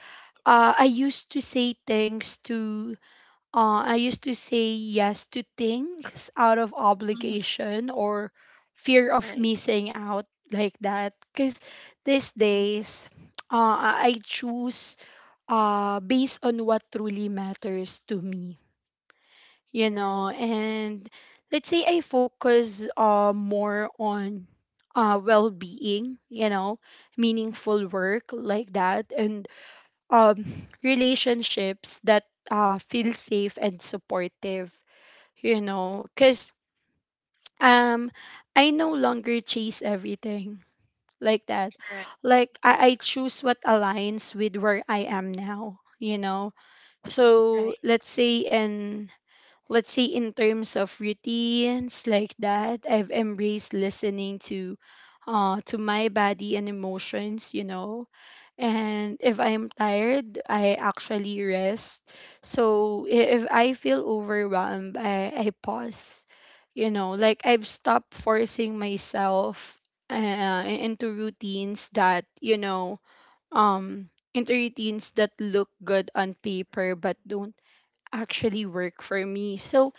S1: uh I used to say things to I used to say yes to things out of
S2: Mhm,
S1: obligation or fear of
S2: right.
S1: missing out like that. Because these
S2: Mhm,
S1: days, I choose based on what truly matters to me, you
S2: right.
S1: know. And let's say I focus more on well being, you know,
S2: Mhm,
S1: meaningful work like that, and um, relationships that feel safe and supportive, you know, because um I no longer chase everything like that.
S2: correct.
S1: Like I choose what aligns with where I am now, you know. So
S2: Right.
S1: let's say in terms of routines like that, I've embraced listening to to my body and emotions, you know. And if I'm tired I actually rest, so if I feel overwhelmed, I pause, you know. Like I've stopped forcing myself uh, into routines that you know um into routines that look good on paper but don't actually work for me. So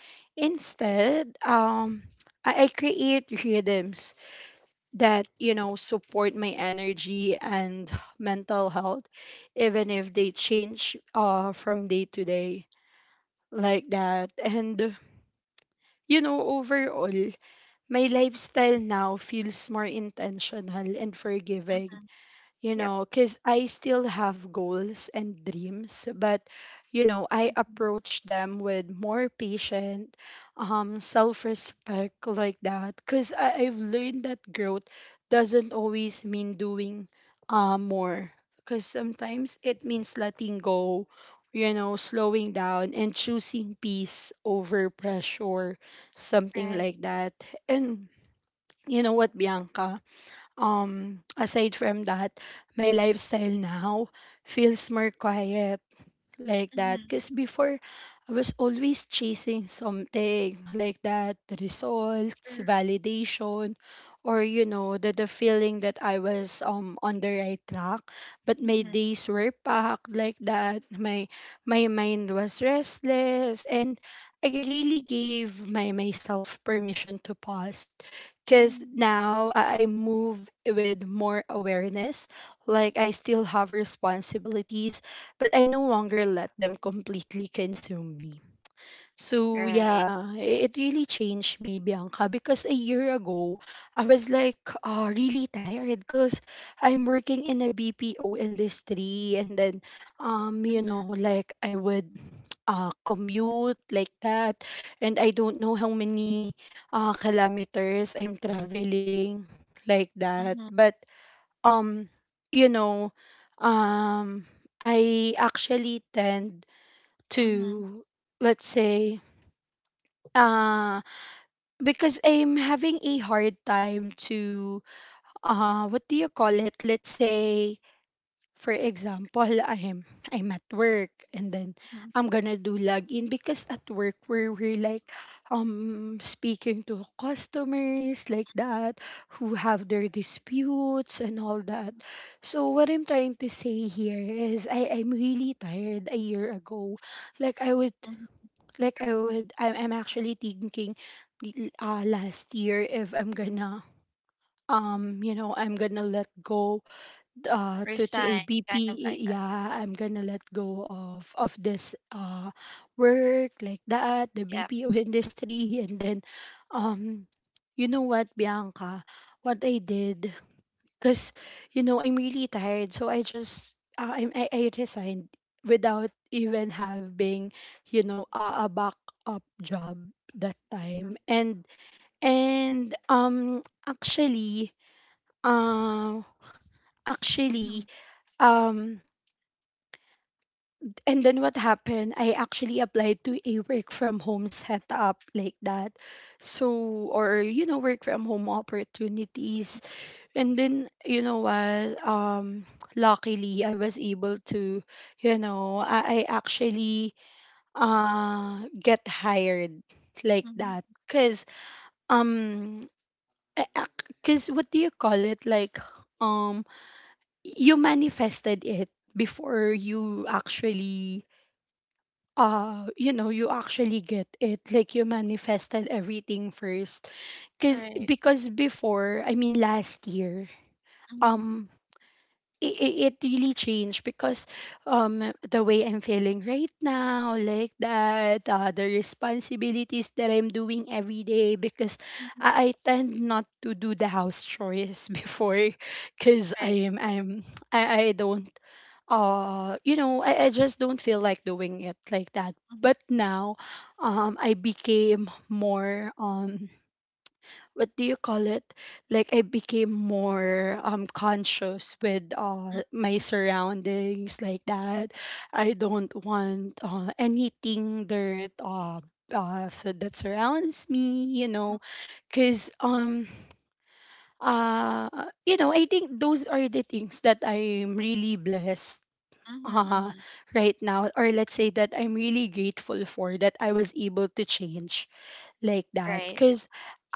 S2: Right.
S1: instead, I create rhythms that, you know, support my energy and mental health, even if they change from day to day like that. And, you know, overall, my lifestyle now feels more intentional and forgiving,
S2: Mhm,
S1: you
S2: yep.
S1: know, because I still have goals and dreams, but you know, I
S2: Mhm,
S1: approach them with more patient, self-respect like that, because I've learned that growth doesn't always mean doing more, because sometimes it means letting go, you know, slowing down and choosing peace over pressure, something
S2: right.
S1: like that. And you know what, Bianca? Aside from that, my lifestyle now feels more quiet like that,
S2: Mhm,
S1: because before I was always chasing something like that, the results,
S2: sure.
S1: validation, or you know, the feeling that I was on the right track, but my
S2: Mhm,
S1: days were packed like that, my mind was restless and I really gave my myself permission to pause, because
S2: mhm,
S1: now I move with more awareness. Like I still have responsibilities but I no longer let them completely consume me. So
S2: right.
S1: yeah, it really changed me, Bianca, because a year ago, I was like really tired because I'm working in a BPO industry, and then you
S2: Mhm,
S1: know, like I would commute like that, and I don't know how many kilometers I'm traveling like that.
S2: mhm,
S1: But um you know um I actually tend
S2: mhm,
S1: to, let's say, uh because I'm having a hard time to what do you call it, let's say, for example, I'm at work and then
S2: mhm,
S1: I'm gonna do login, because at work we're like speaking to customers like that who have their disputes and all that. So what I'm trying to say here is I'm really tired a year ago. Like I would
S2: mhm.
S1: like I would I'm actually thinking last year if I'm gonna you know, I'm gonna let go to
S2: Resign,
S1: a
S2: kind of like
S1: BP,
S2: that.
S1: yeah, I'm gonna let go of this work like that, the
S2: Yep.
S1: BPO industry, and then, um, you know what, Bianca, what I did, cause you know I'm really tired, so I just I resigned without even having, you know, a backup job that
S2: Mhm.
S1: time, and actually uh
S2: Mhm.
S1: actually um and then what happened? I actually applied to a work from home setup like that. So, or, you know, work from home opportunities. And then, you know what? Luckily, I was able to, you know, I actually get hired like
S2: Mhm.
S1: that. Um, because what do you call it? Like, um, you manifested it before you actually you know, you actually get it, like you manifested everything first, because
S2: Right.
S1: before, I mean last year,
S2: Mhm.
S1: um it it really changed because the way I'm feeling right now like that, the responsibilities that I'm doing every day, because
S2: Mhm.
S1: I tend not to do the house chores before because
S2: Right.
S1: I don't you know, I just don't feel like doing it like that,
S2: Mhm.
S1: but now I became more what do you call it like I became more conscious with
S2: Mhm.
S1: my surroundings like that. I don't want anything dirt so that surrounds me, you
S2: Mhm.
S1: know. Because uh you know, I think those are the things that I'm really blessed
S2: Mhm.
S1: uh
S2: Mhm.
S1: right now, or let's say that I'm really grateful for, that I was able to change like that,
S2: Right.
S1: because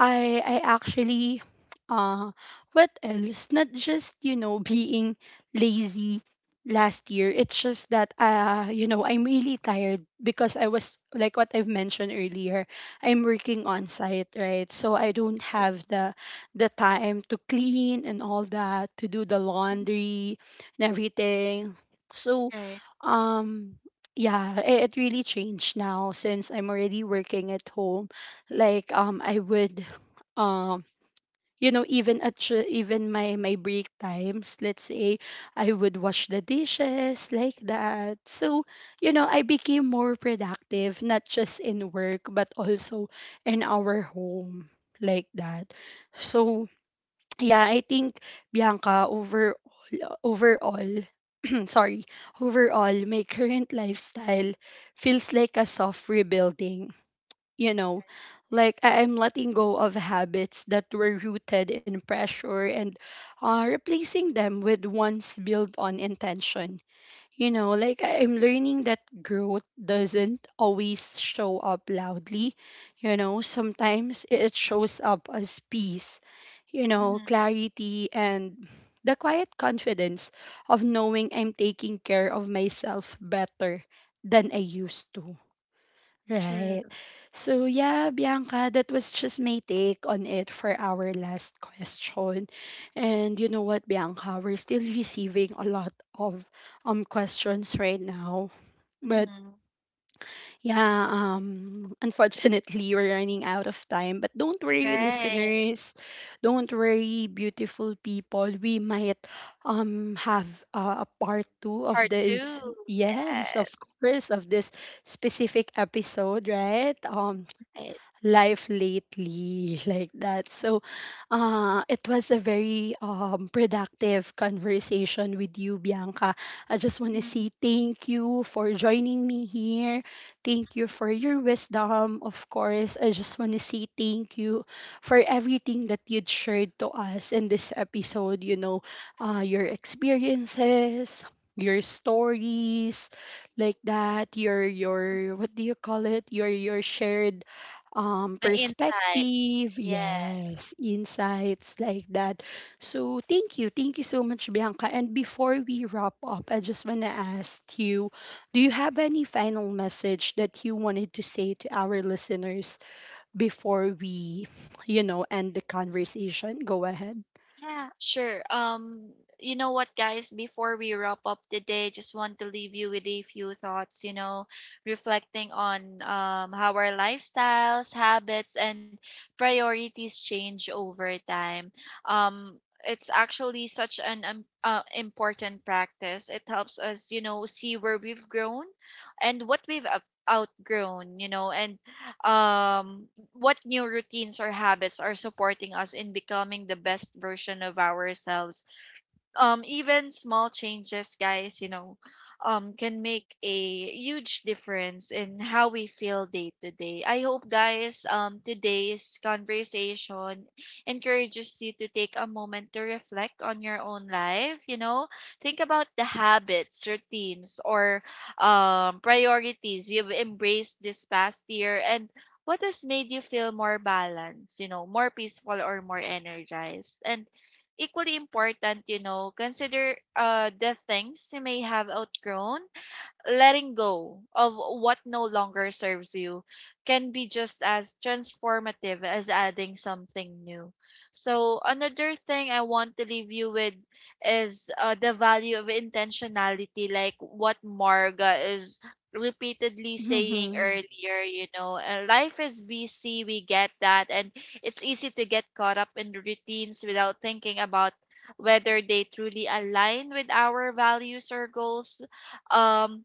S1: I actually uh what else? Not just, you know, being lazy last year. It's just that you know, I'm really tired because I was like what I've mentioned earlier, I'm working on site, right? So I don't
S2: Right.
S1: have the time to clean and all that, to do the
S2: Mhm.
S1: laundry and everything. So
S2: Right.
S1: um yeah, it really changed now since I'm already working at home, like I would um you know, even at even my my break times, let's say I would wash the dishes like that, so you know, I became more productive not just in work but also in our home like that. So yeah, I think, Bianca, overall, sorry, overall my current lifestyle feels like a soft rebuilding, you know. Like I'm letting go of habits that were rooted in pressure and replacing them with ones built on intention, you know. Like I'm learning that growth doesn't always show up loudly, you know, sometimes it shows up as peace, you know,
S2: Mhm.
S1: clarity, and the quiet confidence of knowing I'm taking care of myself better than I used to. Right.
S2: True.
S1: So yeah, Bianca, that was just my take on it for our last question. And you know what, Bianca, we're still receiving a lot of questions right now. But
S2: Mhm.
S1: yeah, unfortunately, we're running out of time. But don't worry,
S2: Right.
S1: listeners. Don't worry, beautiful people. We might have a part 2 of
S2: Part
S1: this.
S2: two.
S1: Yes, of
S2: Yes.
S1: course, of this specific episode, right?
S2: Right.
S1: Life lately like that. So it was a very productive conversation with you, Bianca. I just want to
S2: Mhm.
S1: say thank you for joining me here, thank you for your wisdom, of course. I just want to say thank you for everything that you'd shared to us in this episode, you know, your experiences, your stories like that, your what do you call it your shared
S2: My insights.
S1: perspective,
S2: Yes.
S1: yes, insights like that. So thank you, thank you so much, Bianca. And before we wrap up, I just want to ask you, do you have any final message that you wanted to say to our listeners before we, you know, end the conversation? Go ahead.
S2: Yeah, sure. You know what, guys? Before we wrap up the day, just want to leave you with a few thoughts. You know, reflecting on how our lifestyles, habits, and priorities change over time. Um, it's actually such an important practice. It helps us, you know, see where we've grown and what we've outgrown, you know. And um, what new routines or habits are supporting us in becoming the best version of ourselves. Even small changes, guys, you know, can make a huge difference in how we feel day to day. I hope, guys, today's conversation encourages you to take a moment to reflect on your own life, you know, think about the habits, routines, or priorities you've embraced this past year, and what has made you feel more balanced, you know, more peaceful or more energized. And equally important, you know, consider the things you may have outgrown. Letting go of what no longer serves you can be just as transformative as adding something new. So, another thing I want to leave you with is the value of intentionality, like what Marga is repeatedly saying
S1: Mm-hmm.
S2: earlier, you know. Life is busy, we get that, and it's easy to get caught up in the routines without thinking about whether they truly align with our values or goals. um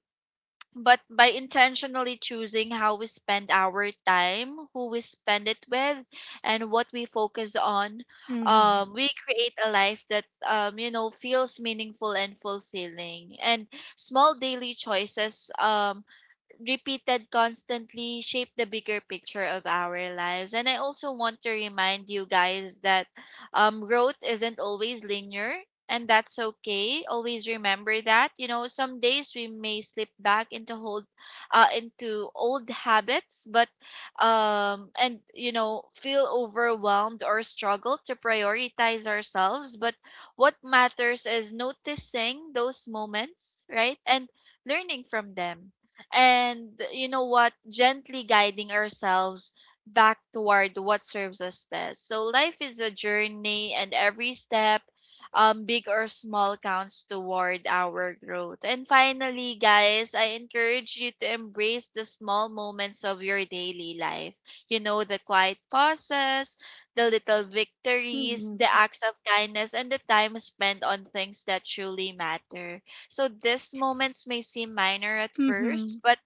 S2: but by intentionally choosing how we spend our time, who we spend it with, and what we focus on,
S1: Mm-hmm.
S2: we create a life that, you know, feels meaningful and fulfilling. And small daily choices, repeated constantly, shape the bigger picture of our lives. And I also want to remind you guys that growth isn't always linear, and that's okay. Always remember that. You know, some days we may slip back into hold, into old habits, but and you know, feel overwhelmed or struggle to prioritize ourselves. But what matters is noticing those moments, right, and learning from them, and you know what, gently guiding ourselves back toward what serves us best. So life is a journey, and every step, big or small, counts toward our growth. And finally, guys, I encourage you to embrace the small moments of your daily life, you know, the quiet pauses, the little victories, the
S1: Mm-hmm.
S2: acts of kindness, and the time spent on things that truly matter. So these moments may seem minor at
S1: Mm-hmm.
S2: first, but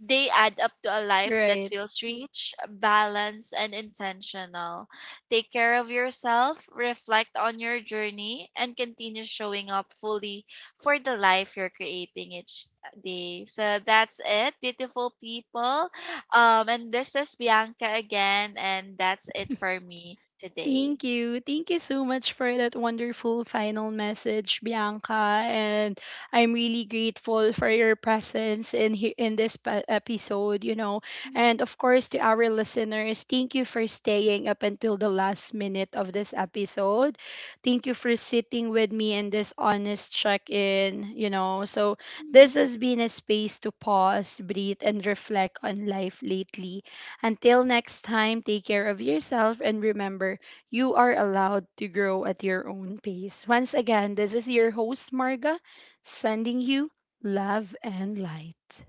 S2: they add up to a life that
S1: Right.
S2: feels rich, balanced, and intentional. Take care of yourself, reflect on your journey, and continue showing up fully for the life you're creating each day. So that's it, beautiful people. And this is Bianca again, and that's it for me today.
S1: Thank you. Thank you so much for that wonderful final message, Bianca. And I'm really grateful for your presence in here in this episode, you know. And of course, to our listeners, thank you for staying up until the last minute of this episode. Thank you for sitting with me in this honest check-in, you know. So this has been a space to pause, breathe, and reflect on life lately. Until next time, take care of yourself and remember you are allowed to grow at your own pace. Once again, this is your host, Marga, sending you love and light.